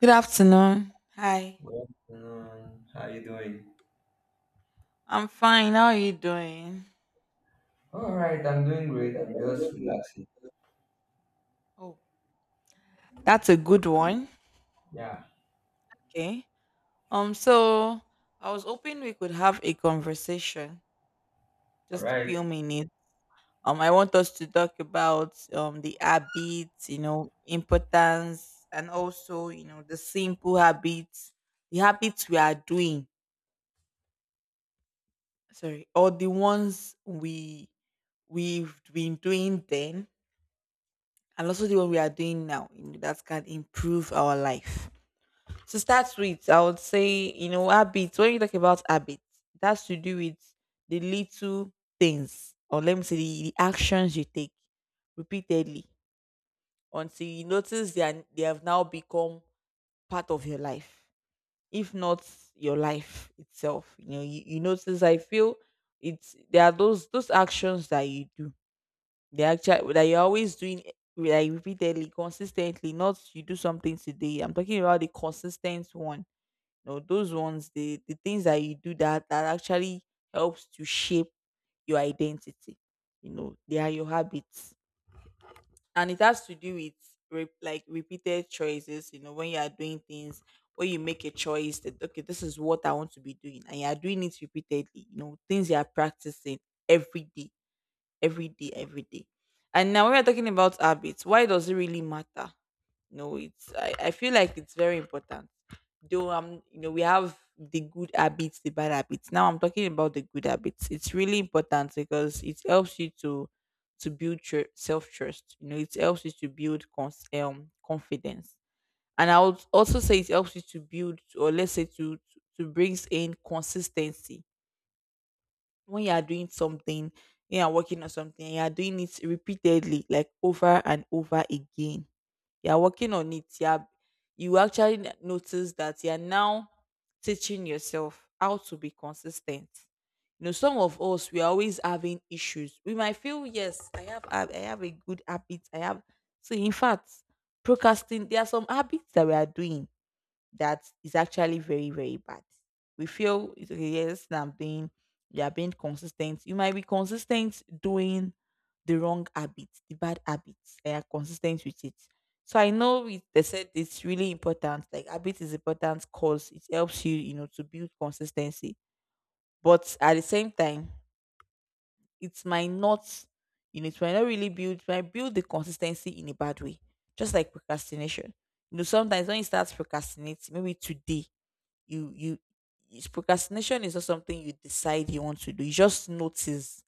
Good afternoon. Hi. What's going? How you doing? I'm fine. How are you doing? All right, I'm doing great. I'm just relaxing. Oh, that's a good one. Yeah. Okay. So I was hoping we could have a conversation, All just a few right. minutes. I want us to talk about the habits, you know, importance, and also, you know, the simple habits, the habits we are doing. Sorry, or the ones we've been doing then, and also the one we are doing now, you know, that can improve our life. To start with, I would say, you know, habits. When you talk about habits, it has to do with the little things, or let me say, the actions you take repeatedly until you notice they have now become part of your life, if not your life itself. You know, you notice, I feel it's there are those actions that you do, they actually that you're always doing like repeatedly, consistently, not you do something today. I'm talking about the consistent one no, those ones, the things that you do that actually helps to shape your identity. You know, they are your habits, and it has to do with like repeated choices. You know, when you are doing things, when you make a choice that okay, this is what I want to be doing, and you are doing it repeatedly. You know, things you are practicing every day, every day, every day. And now when we're talking about habits, why does it really matter? No, it's I feel like it's very important. Though you know we have the good habits, the bad habits. Now I'm talking about the good habits. It's really important because it helps you to build self trust. You know, it helps you to build confidence, and I would also say it helps you to build or let's say to brings in consistency when you are doing something, you are working on something, you are doing it repeatedly, like over and over again you're working on it, yeah, you actually notice that you're now teaching yourself how to be consistent. You know, some of us we're always having issues. We might feel yes I have I have a good habit I have so in fact procrastinate. There are some habits that we are doing that is actually very, very bad. We feel it's okay, yes, I'm being you are being consistent. You might be consistent doing the wrong habits, the bad habits. They are consistent with it. So I know it, they said it's really important. Like habit is important because it helps you, you know, to build consistency. But at the same time, it might not, you know, it might not really build, it might build the consistency in a bad way. Just like procrastination. You know, sometimes when you start procrastinating, maybe today you it's procrastination is not something you decide you want to do. You just notice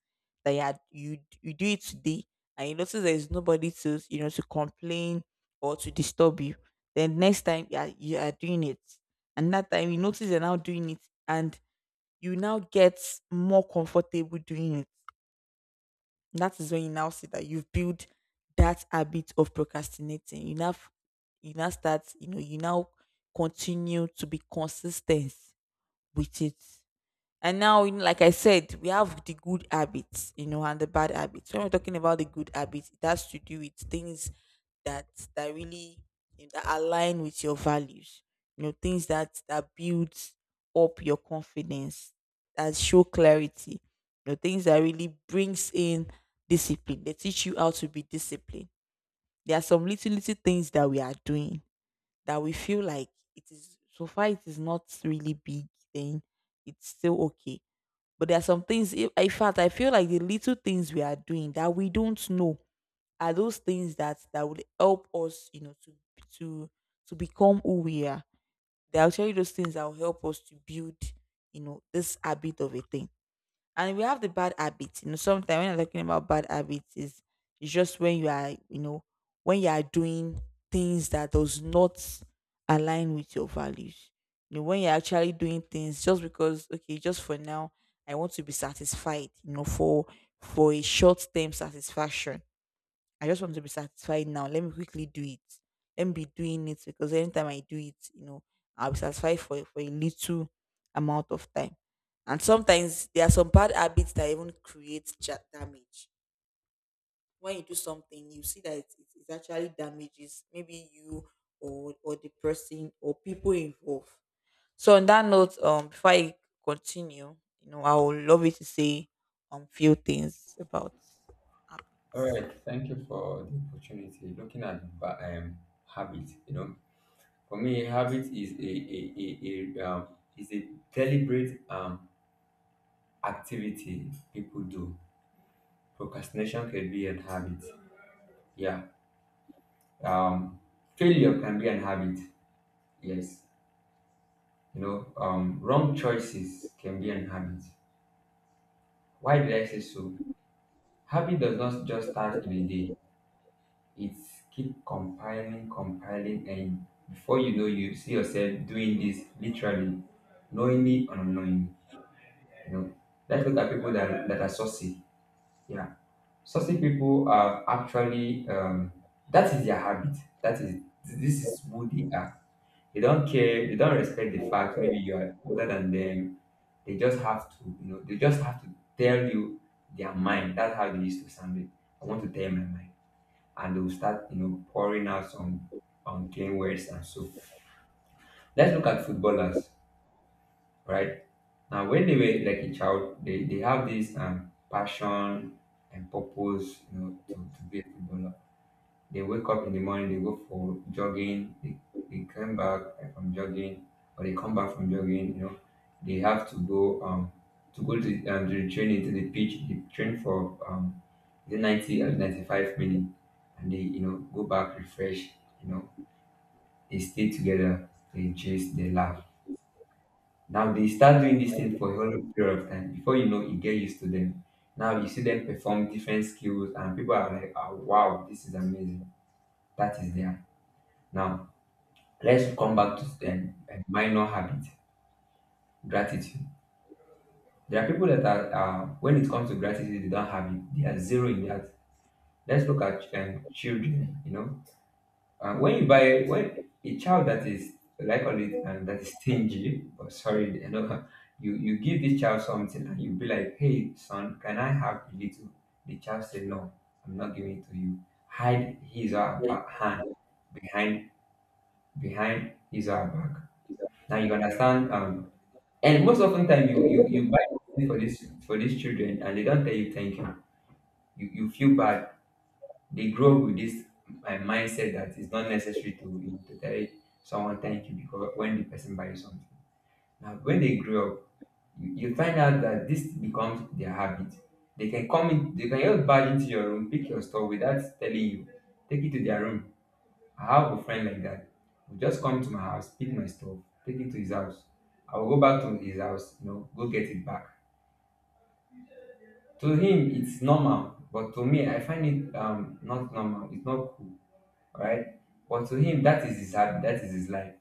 that you had you do it today and you notice there is nobody to you know to complain or to disturb you. Then next time you are doing it. And that time you notice you're now doing it and you now get more comfortable doing it. That is when you now see that you've built that habit of procrastinating. You now you now start, you know, you now continue to be consistent with it. And now, you know, like I said, we have the good habits, you know, and the bad habits. When we're talking about the good habits, it has to do with things that that really you know, that align with your values. You know, things that builds up your confidence, that show clarity. You know, things that really brings in discipline. They teach you how to be disciplined. There are some little little things that we are doing that we feel like it is so far it is not really big then it's still okay, but there are some things in fact I feel like the little things we are doing that we don't know are those things that would help us, you know, to to become who we are. They're actually those things that will help us to build, you know, this habit of a thing. And we have the bad habits. You know, sometimes when I'm talking about bad habits, is it's just when you are, you know, when you are doing things that does not align with your values. You know, when you're actually doing things just because, okay, just for now, I want to be satisfied, you know, for a short term satisfaction I just want to be satisfied now. Let me quickly do it. Let me be doing it because anytime I do it, you know, I'll be satisfied for a little amount of time. And sometimes there are some bad habits that even create damage. When you do something, you see that it actually damages maybe you or the person or people involved. So on that note, before I continue, you know, I would love you to say few things about app. All right, thank you for the opportunity. Looking at habit, you know, for me, habit is a, a, a deliberate activity people do. Procrastination can be an habit. Yeah. Um, Failure can be an habit. Yes. You know, wrong choices can be an habit. Why did I say so? Habit does not just start in a day. It's keep compiling, compiling, and before you know, you see yourself doing this literally, knowingly or unknowingly. You know, let's look at people that are saucy. Yeah, saucy people are actually that is their habit. That is this is who they are. They don't care. They don't respect the fact maybe you are older than them. They just have to, you know, they just have to tell you their mind. That's how they used to sound it. I want to tell my mind, and they'll start, you know, pouring out some unclean words and so. Let's look at footballers, right? Now, when they were like a child, they have this passion and purpose, you know, to be a footballer. They wake up in the morning, they go for jogging, they come back from jogging, or they come back from jogging, you know, they have to go to go to the training, to the pitch. They train for the 90 or 95 minutes, and they, you know, go back, refresh, you know. They stay together, they gist, they laugh. Now they start doing this thing for a whole period of time. Before you know, you get used to them. Now you see them perform different skills, and people are like, oh, wow, this is amazing. That is there. Now let's come back to a minor habit, gratitude. There are people that are, when it comes to gratitude, they don't have it. They are zero in that. Let's look at children. You know, uh, when you buy when a child that is like all it and that is stingy or sorry, you know, you give this child something and you be like, hey son, can I have a little? The child say no, I'm not giving it to you. Hide his or her back hand behind behind his or her back. Now you understand. And most often time you buy something for this for these children, and they don't tell you thank you. You. You feel bad. They grow up with this mindset that it's not necessary to, you know, to tell someone thank you because when the person buys something. Now, when they grow up, you find out that this becomes their habit. They can come in, they can just barge into your room, pick your stuff without telling you. Take it to their room. I have a friend like that. Will just come to my house, pick my stuff, take it to his house. I will go back to his house, you know, go get it back. To him, it's normal, but to me, I find it not normal. It's not cool, right? But to him, that is his habit, that is his life.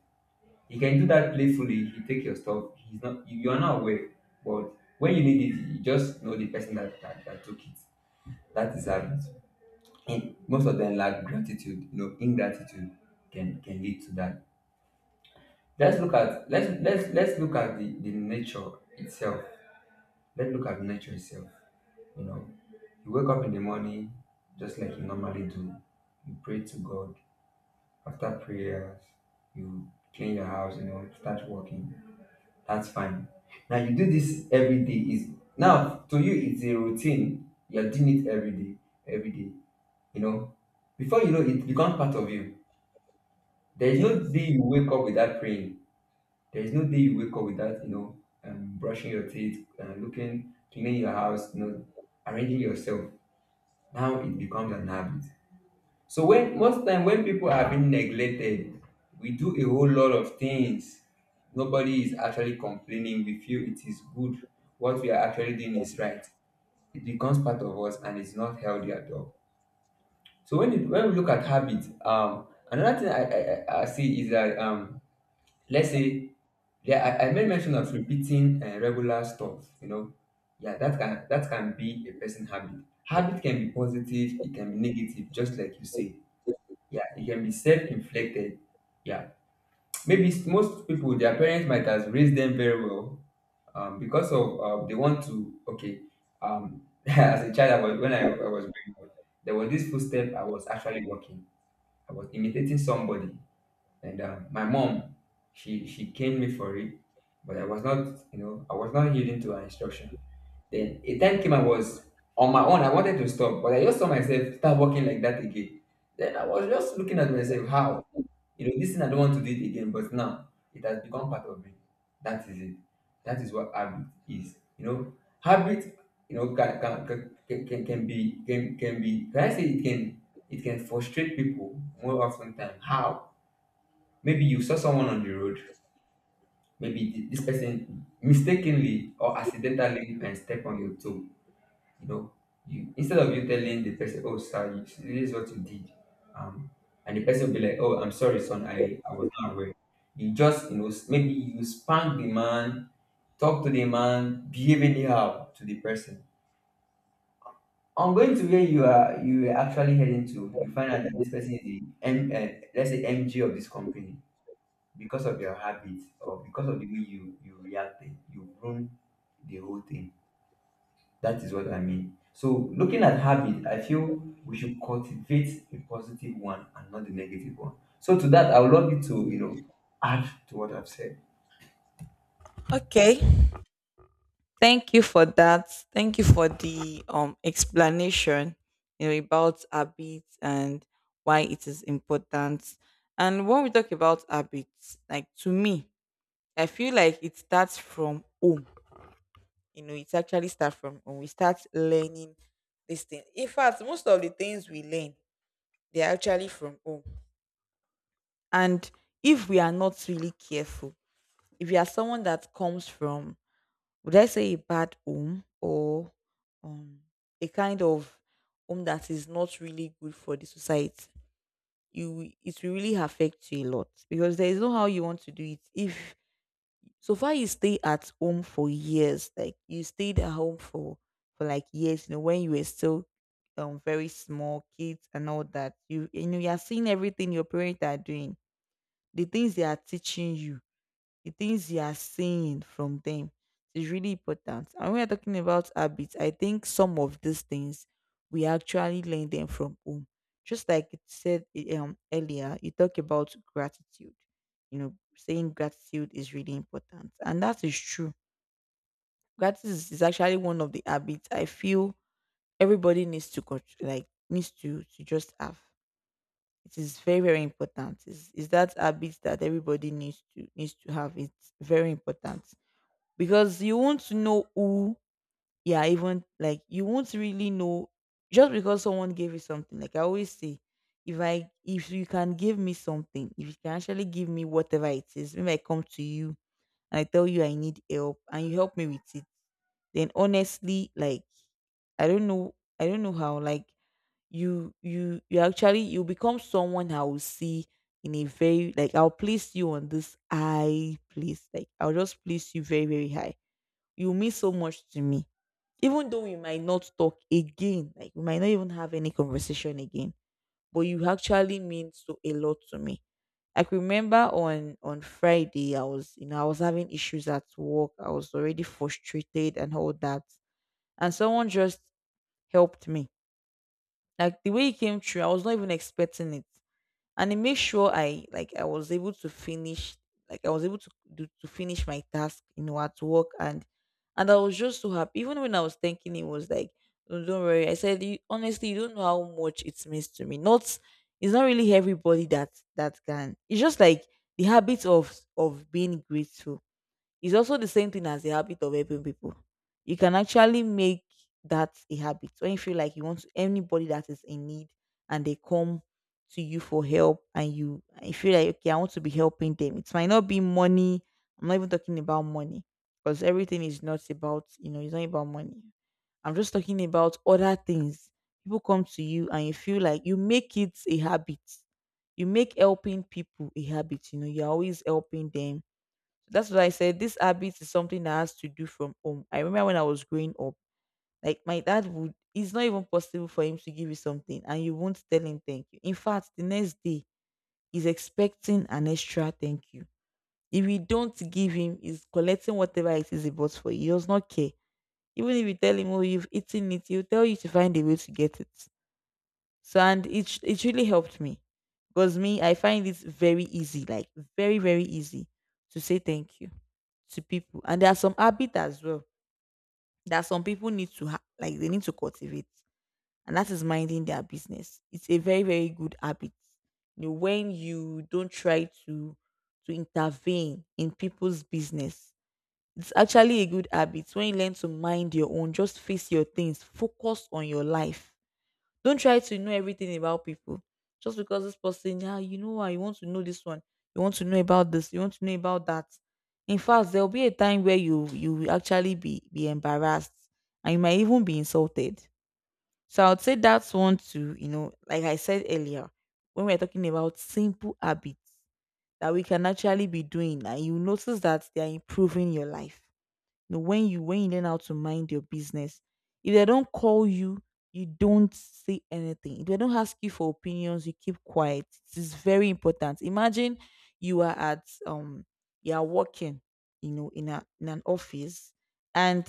He can do that playfully. He take your stuff. He's not. You are not aware, but when you need it, you just know the person that took it. That is habit. And most of them lack gratitude. You know, ingratitude can lead to that. Let's look at the nature itself. Let's look at nature itself. You know, you wake up in the morning just like you normally do. You pray to God. After prayers, you clean your house, you know, start working. That's fine. Now you do this every day. Is now to you it's a routine. You're doing it every day, every day. You know, before you know it becomes part of you. There is no day Yes. you wake up without praying. There is no day you wake up without, you know, brushing your teeth, looking, cleaning your house, you know, arranging yourself. Now it becomes an habit. So when most time when people are being neglected, we do a whole lot of things. Nobody is actually complaining. We feel it is good. What we are actually doing is right. It becomes part of us, and it's not healthy at all. So when we look at habit, another thing I see is that. Let's say yeah, I made mention of repeating regular stuff. You know, yeah, that can be a person habit. Habit can be positive. It can be negative. Just like you said, yeah, it can be self-inflicted. Yeah, maybe most people, their parents might have raised them very well, because of they want to. Okay, um, as a child, I was, when I was growing up, there was this footstep I was actually walking. I was imitating somebody, and my mom, she caned me for it, but I was not, you know, I was not yielding to her instruction. Then a time came I was on my own. I wanted to stop, but I just saw myself start walking like that again. Then I was just looking at myself, how? You know, this thing I don't want to do it again, but now it has become part of me. That is it. That is what habit is. You know, habit, you know, can be can be can I say it can frustrate people more often than how? Maybe you saw someone on the road, maybe this person mistakenly or accidentally and step on your toe, you know. You, instead of you telling the person, oh sir, you, this is what you did, um and the person will be like, oh, I'm sorry son, I was not aware. You just, you know, maybe you spank the man, talk to the man, behave anyhow to the person. On going to where you are actually heading to, you find out that this person is the M, let's say mg of this company. Because of your habits or because of the way you reacted, you ruin the whole thing. That is what I mean. So, looking at habit, I feel we should cultivate a positive one and not the negative one. So, to that, I would love you to, you know, add to what I've said. Okay. Thank you for that. Thank you for the explanation, you know, about habits and why it is important. And when we talk about habits, like to me, I feel like it starts from home. You know, it actually starts from when we start learning this thing. In fact, most of the things we learn, they're actually from home. And if we are not really careful, if you are someone that comes from would I say a bad home or um a kind of home that is not really good for the society? You it will really affect you a lot because there is no how you want to do it. If so far you stay at home for years, like you stayed at home for like years, you know, when you were still very small kids and all that, you know you are seeing everything your parents are doing, the things they are teaching you the things you are seeing from them is really important. And when we're talking about habits, I think some of these things we actually learn them from home. Just like it said earlier, you talk about gratitude. You know, saying gratitude is really important. And that is true. Gratitude is actually one of the habits I feel everybody needs to like needs to just have. It is very, very important. Is that habit that everybody needs to needs to have. It's very important because you won't know who you are even like you won't really know just because someone gave you something like I always say if I if you can give me something, if you can actually give me whatever it is maybe I come to you and I tell you I need help and you help me with it, then honestly like I don't know, I don't know how like you actually you become someone I will see in a very like I'll place you on this high place, like I'll just place you very, very high. You mean so much to me. Even though we might not talk again, like we might not even have any conversation again, but you actually mean so a lot to me. Like remember on Friday, I was you know I was having issues at work. I was already frustrated and all that, and someone just helped me. Like the way it came through, I was not even expecting it and it made sure I like I was able to finish like I was able to do, to finish my task you know at work and I was just so happy even when I was thinking it was like "Oh, don't worry I said you, honestly you don't know how much it means to me not it's not really everybody that that can it's just like the habit of being grateful. It's also the same thing as the habit of helping people. You can actually make that a habit when you feel like you want to, anybody that is in need and they come to you for help and you feel like okay, I want to be helping them. It might not be money. I'm not even talking about money because everything is not about you know it's not about money. I'm just talking about other things. People come to you and you feel like you make it a habit. You make helping people a habit. You know, you're always helping them that's what I said. This habit is something that has to do from home. I remember when I was growing up, like my dad would, it's not even possible for him to give you something and you won't tell him thank you. In fact, the next day, he's expecting an extra thank you. If you don't give him, he's collecting whatever it is he bought for you. He does not care. Even if you tell him, oh, you've eaten it, he'll tell you to find a way to get it. So and it really helped me because me I find it very easy, like very very easy to say thank you to people. And there are some habits as well that some people need to like they need to cultivate, and that is minding their business. It's a very very good habit. You know, when you don't try to intervene in people's business, it's actually a good habit. When you learn to mind your own, just face your things, focus on your life, don't try to know everything about people. Just because this person, yeah, you know what, you want to know this one, you want to know about this, you want to know about that. In fact, there'll be a time where you will actually be embarrassed and you might even be insulted. So I would say that's one to, you know, like I said earlier, when we're talking about simple habits that we can actually be doing and you notice that they're improving your life, know, when you learn how to mind your business, if they don't call you, you don't say anything. If they don't ask you for opinions, you keep quiet. It is very important. Imagine you are at you are working, you know, in a in an office and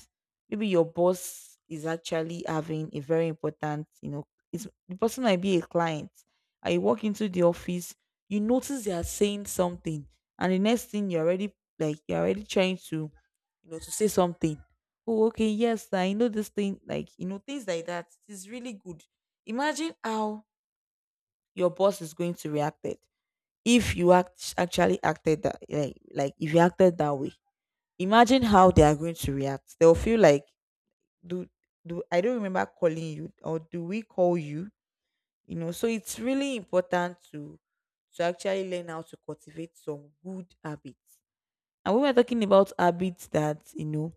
maybe your boss is actually having a very important, you know, it's, the person might be a client. I walk into the office, you notice they are saying something, and the next thing you're already trying to, you know, to say something. Oh, okay, yes, I know this thing, like, you know, things like that. It is really good. Imagine how your boss is going to react it if you act actually acted that like if you acted that way. Imagine how they are going to react. They'll feel like, do do I don't remember calling you or do we call you? You know, so it's really important to actually learn how to cultivate some good habits. And when we're talking about habits that, you know,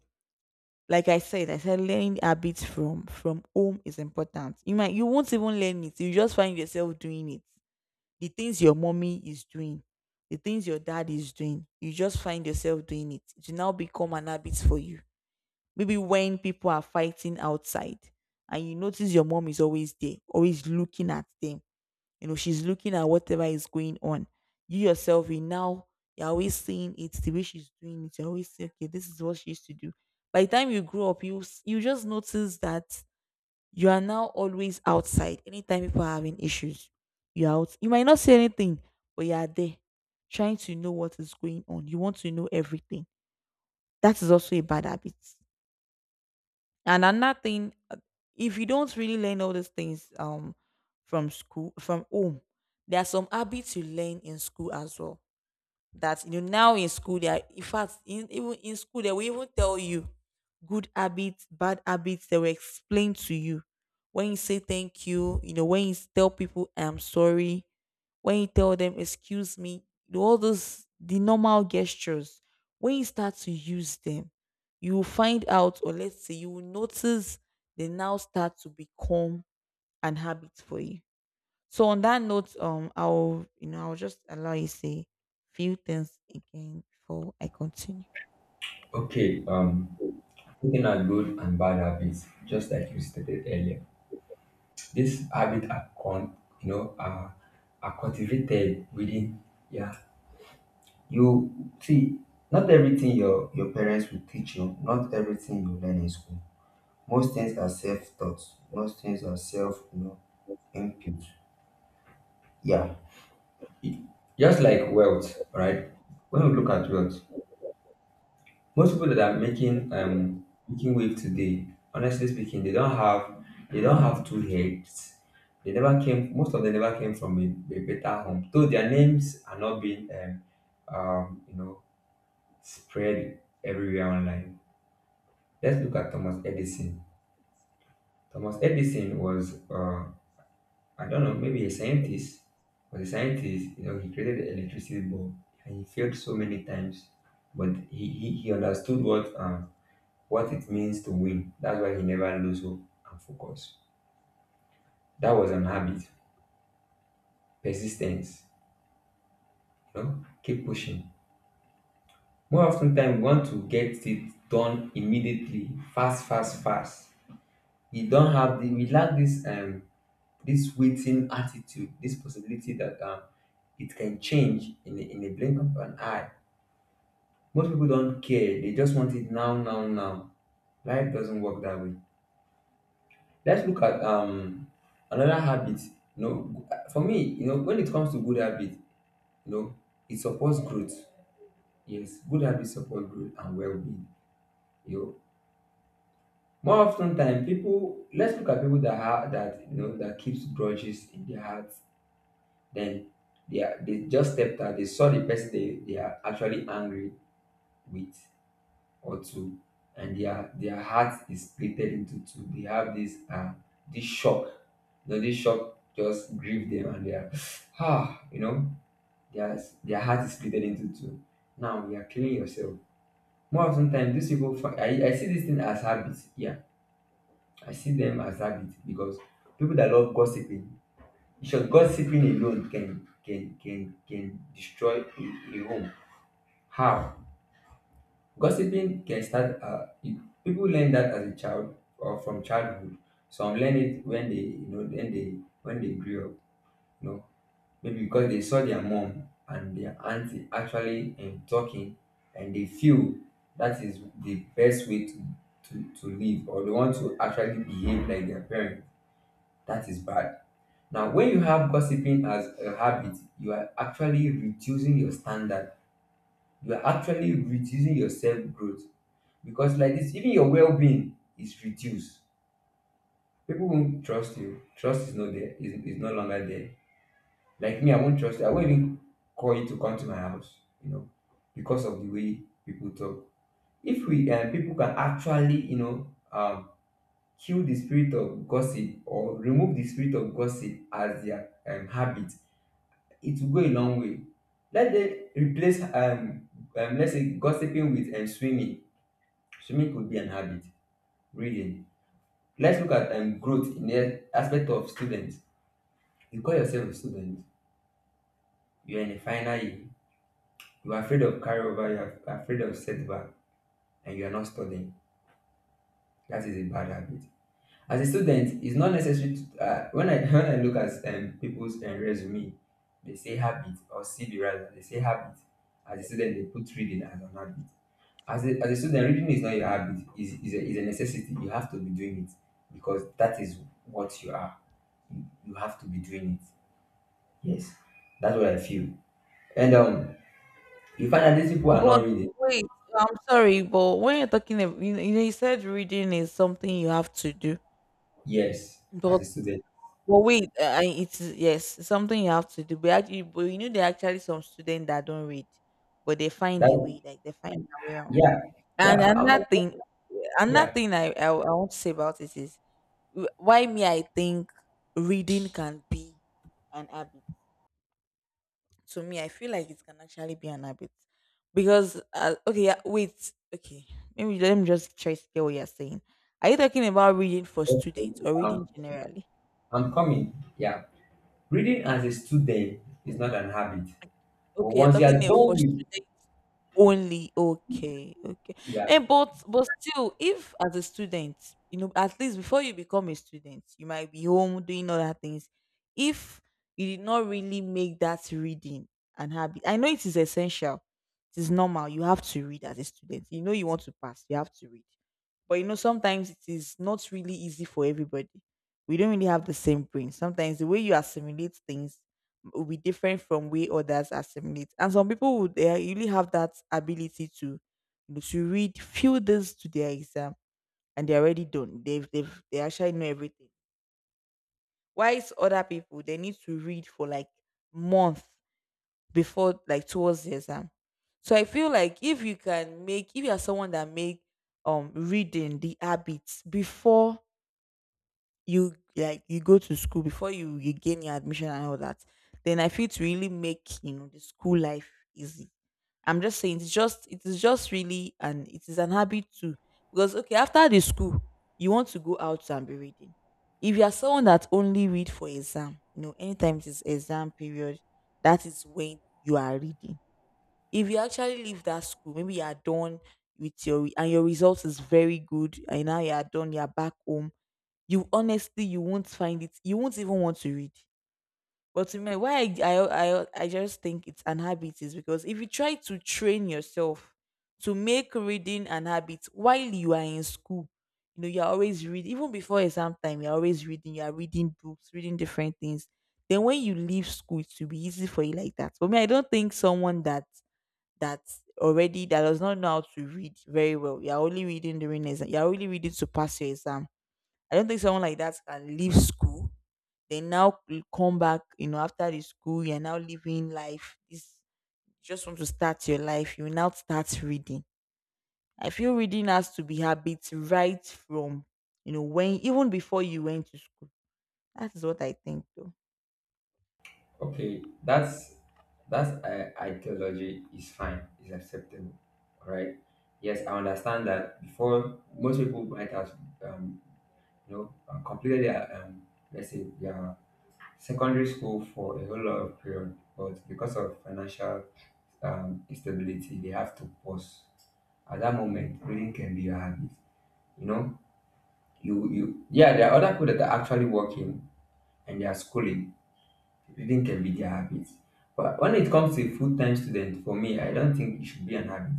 like I said, learning habits from home is important. You won't even learn it. You just find yourself doing it. The things your mommy is doing, the things your dad is doing, you just find yourself doing it. It will now become an habit for you. Maybe when people are fighting outside and you notice your mom is always there, always looking at them, you know, she's looking at whatever is going on. You yourself, you now, you're always seeing it the way she's doing it. You're always saying, okay, this is what she used to do. By the time you grow up, you just notice that you are now always outside. Anytime people are having issues, you're out. You might not say anything, but you are there, trying to know what is going on. You want to know everything. That is also a bad habit. And another thing, if you don't really learn all these things from school, from home, there are some habits you learn in school as well that, you know, now in school they are in fact in, even in school they will even tell you good habits, bad habits, they will explain to you. When you say thank you, you know, when you tell people I'm sorry, when you tell them excuse me, you know, all those the normal gestures, when you start to use them you will find out, or let's say you will notice they now start to become an habit for you. So on that note, I'll, you know, I'll just allow you say few things again before I continue. Okay, looking at good and bad habits, just like you stated earlier, these habits you know, are cultivated within. Yeah. You see, not everything your parents will teach you, not everything you learn in school. Most things are self-taught. Most things are self, you know. Thank you. Yeah. It- just like wealth, right? When we look at wealth, most people that are making making wave today, honestly speaking, they don't have two heads. They never came. Most of them never came from a better home, though their names are not being you know spread everywhere online. Let's look at Thomas Edison. Thomas Edison was I don't know, maybe a scientist. Was a scientist, you know, he created the electricity bulb, and he failed so many times. But he understood what it means to win. That's why he never lose hope and focus. That was an habit. Persistence, you know, keep pushing. More often time we want to get it done immediately, fast, fast, fast. We don't have the We lack this this waiting attitude, this possibility that it can change in in a blink of an eye. Most people don't care. They just want it now, now, now. Life doesn't work that way. Let's look at another habit. You know, for me, you know, when it comes to good habit, you know, it supports growth. Yes, good habit support growth and well-being. You know, more often time, people. Let's look at people that have that you know that keeps grudges in their hearts. Then they just stepped out. They saw the person they are actually angry with, or two, and their heart is splitted into two. They have this shock. You know, this shock just grieve them, and they are ah, you know, their their heart is splitted into two. Now you are killing yourself. More often time, these people I see this thing as habit. Yeah, I see them as habit because people that love gossiping, sure gossiping alone can destroy a home. How? Gossiping can start, people learn that as a child or from childhood. Some learn it when they, when they grew up, you know, maybe because they saw their mom and their auntie actually talking, and they feel that is the best way to live, or they want to actually behave like their parents. That is bad. Now, when you have gossiping as a habit, you are actually reducing your standard. You are actually reducing your self growth because like this even your well-being is reduced. People won't trust you. Trust is not there, is no longer there. Like me, I won't trust you. I won't even call you to come to my house, you know, because of the way people talk. If we, people can actually, you know, kill the spirit of gossip, or remove the spirit of gossip as their habit, it will go a long way. Let them replace, let's say gossiping with swimming. Swimming could be an habit. Reading. Let's look at growth in the aspect of students. You call yourself a student, you're in a final year, you're afraid of carryover, you're afraid of setback, and you're not studying. That is a bad habit. As a student, it's not necessary to. When I look at people's resume, they say habit, or CV rather, they say habit. As a student, they put reading as an habit. As a student, reading is not your habit, it's a necessity. You have to be doing it because that is what you are. You have to be doing it. Yes, that's what I feel. And you find that these people are But not reading. wait, I'm sorry, but when you're talking, about, you know, you know, you said reading is something you have to do, Yes, as but a student. but wait, I- it's yes, it's something you have to do. But actually, but you know, there are actually some students that don't read, but they find a That way, like they find a way around. yeah, And yeah, I'm another yeah. thing I want to say about it is why me? I think reading can be an habit. To me, I feel like it can actually be an habit because okay, yeah, wait, okay, maybe let me just try to get what you're saying. Are you talking about reading for students Okay. or Um, reading generally? I'm coming. Yeah, reading as a student is not an habit, but Okay, you're once you are talking eh, for done with, students only. Okay, okay. yeah, And but still, if as a student, you know, at least before you become a student, you might be home doing other things. If you did not really make that reading an habit, I know it is essential. It is normal. You have to read as a student. You know you want to pass. You have to read. But you know, sometimes it is not really easy for everybody. We don't really have the same brain. Sometimes the way you assimilate things will be different from way others assimilate. And some people would they really have that ability to, you know, to read few days to their exam and they're already done. They've they actually know everything. Whilst other people they need to read for like month before, like towards the exam. So I feel like if you are someone that make reading the habits before you, like you go to school before you gain your admission and all that, then I feel to really make, you know, the school life easy, I'm just saying it's just it is just really, and it is an habit too because okay after the school you want to go out and be reading. If you are someone that only read for exam, you know, anytime it is exam period, that is when you are reading, if you actually leave that school, maybe you are done with your and your result is very good, and now you are done, you are back home, you honestly you won't find it, you won't even want to read. But to me, why I just think it's an habit is because if you try to train yourself to make reading an habit while you are in school, you know, you're always reading, even before exam time you're always reading, you're reading books, reading different things, then when you leave school it will be easy for you. Like that, for me, I don't think someone that already that does not know how to read very well, you're only reading during exam, you're only reading to pass your exam, I don't think someone like that can leave school. They now come back, you know, after the school, you're now living life. This just want to start your life. You now start reading. I feel reading has to be habit right from, you know, when even before you went to school. That is what I think though. okay, that's ideology is fine, is acceptable. All right. Yes, I understand that before most people might have um, completed their let's say their secondary school for a whole lot of period, but because of financial instability, they have to pause. At that moment, reading can be your habit. You know, you yeah, there are other people that are actually working and they are schooling. Reading can be their habit. But when it comes to a full-time student, for me, I don't think it should be an habit.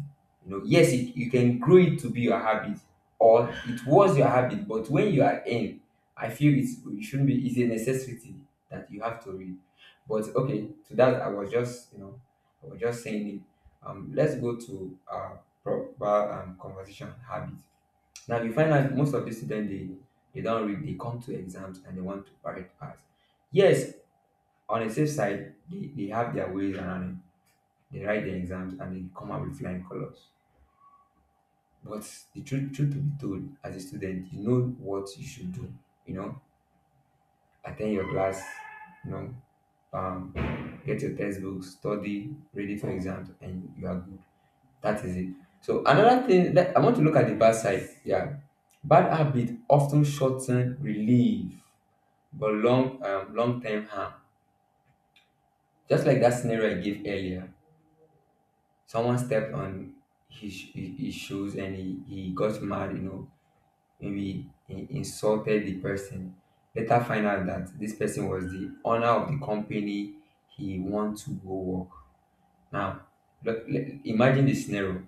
You know, yes, it, you can grow it to be your habit, or it was your habit. But when you are in, I feel it shouldn't be. It's a necessity that you have to read. But okay, to that, I was just saying it. Let's go to proper conversation habit. Now you find out most of the students, they don't read. They come to exams and they want to write pass. Yes, on the safe side, they have their ways around it. They write their exams and they come out with flying colors. But the truth, truth to be told, as a student, you know what you should do. You know, attend your class, you know, get your textbooks, study, ready for exams, and you are good. That is it. So another thing that I want to look at the bad side. Yeah, bad habit often shorten relief, but long term harm. Just like that scenario I gave earlier, someone stepped on his shoes and he got mad, you know, maybe he insulted the person. Later find out that this person was the owner of the company he want to go work. Now, imagine the scenario.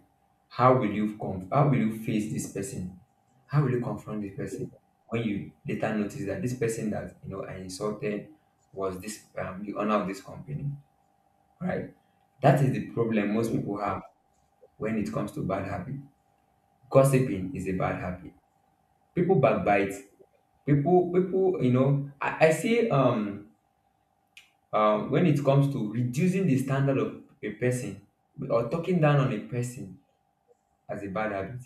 How will you face this person? How will you confront this person when you later notice that this person that you know I insulted was this the owner of this company, right? That is the problem most people have when it comes to bad habit. Gossiping is a bad habit. People backbite. People, you know, I say when it comes to reducing the standard of a person, or talking down on a person as a bad habit.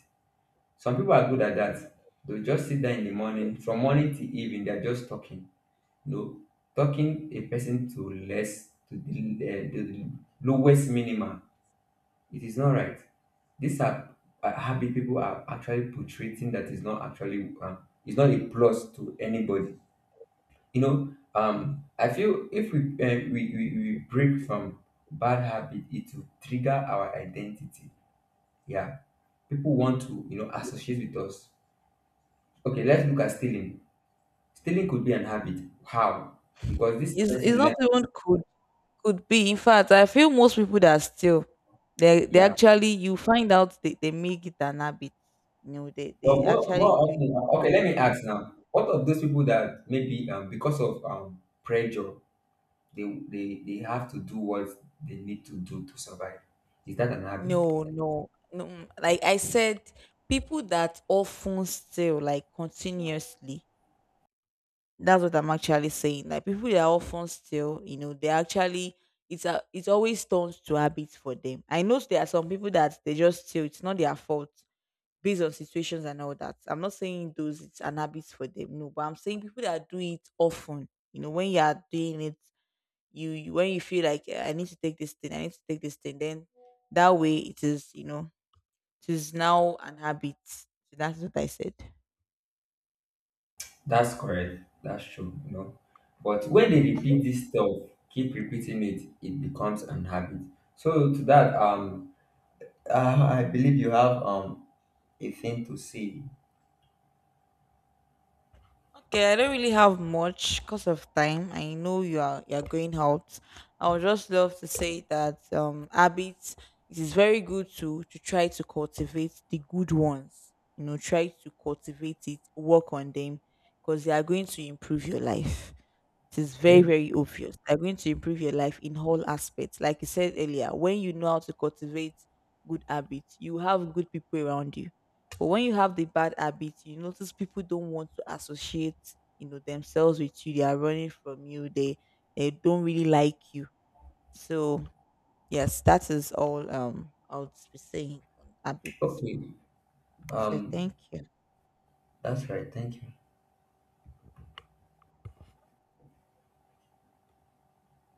Some people are good at that. They'll just sit there in the morning, from morning to evening, they're just talking. You know, talking a person to less, to the lowest minimum. It is not right. These are habit people are actually portraying that is not actually it's not a plus to anybody. You know, I feel if we break from bad habit, it will trigger our identity. Yeah, people want to, you know, associate with us. Okay, let's look Yes, at yes. stealing. Stealing could be an habit. How? Because this It's person not learned. even could be. In fact, I feel most people that still they Yeah, actually you find out they make it an habit. You know, but they more actually more do it often. Okay, let me consistently. ask now. What of those people that maybe because of pressure, they have to do what they need to do to survive. Is that an habit? No, no, no. Like I said, people that often steal, like continuously. That's what I'm actually saying. Like people that often steal, you know, they actually it's a it always turns to habits for them. I know there are some people that they just steal. It's not their fault based on situations and all that. I'm not saying those it's an habit for them. No, but I'm saying people that do it often. You know, when you are doing it, you when you feel like "Eh, I need to take this thing, I need to take this thing, then that way it is, you know it is now an habit. So that's what I said. That's correct. That's true. You know, but when they repeat this stuff, keep repeating it, it becomes an habit. So to that, I believe you have a thing to say. Okay, I don't really have much because of time. I know you are going out. I would just love to say that habits, it is very good to try to cultivate the good ones. You know, try to cultivate it, work on them because they are going to improve your life. It is very, Okay. very obvious. They're going to improve your life in all aspects. Like you said earlier, when you know how to cultivate good habits, you have good people around you. But when you have the bad habits, you notice people don't want to associate, you know, themselves with you. They are running from you. They don't really like you. So yes, that is all I would be saying on habits. Okay. So Um, thank you. that's right. Thank you.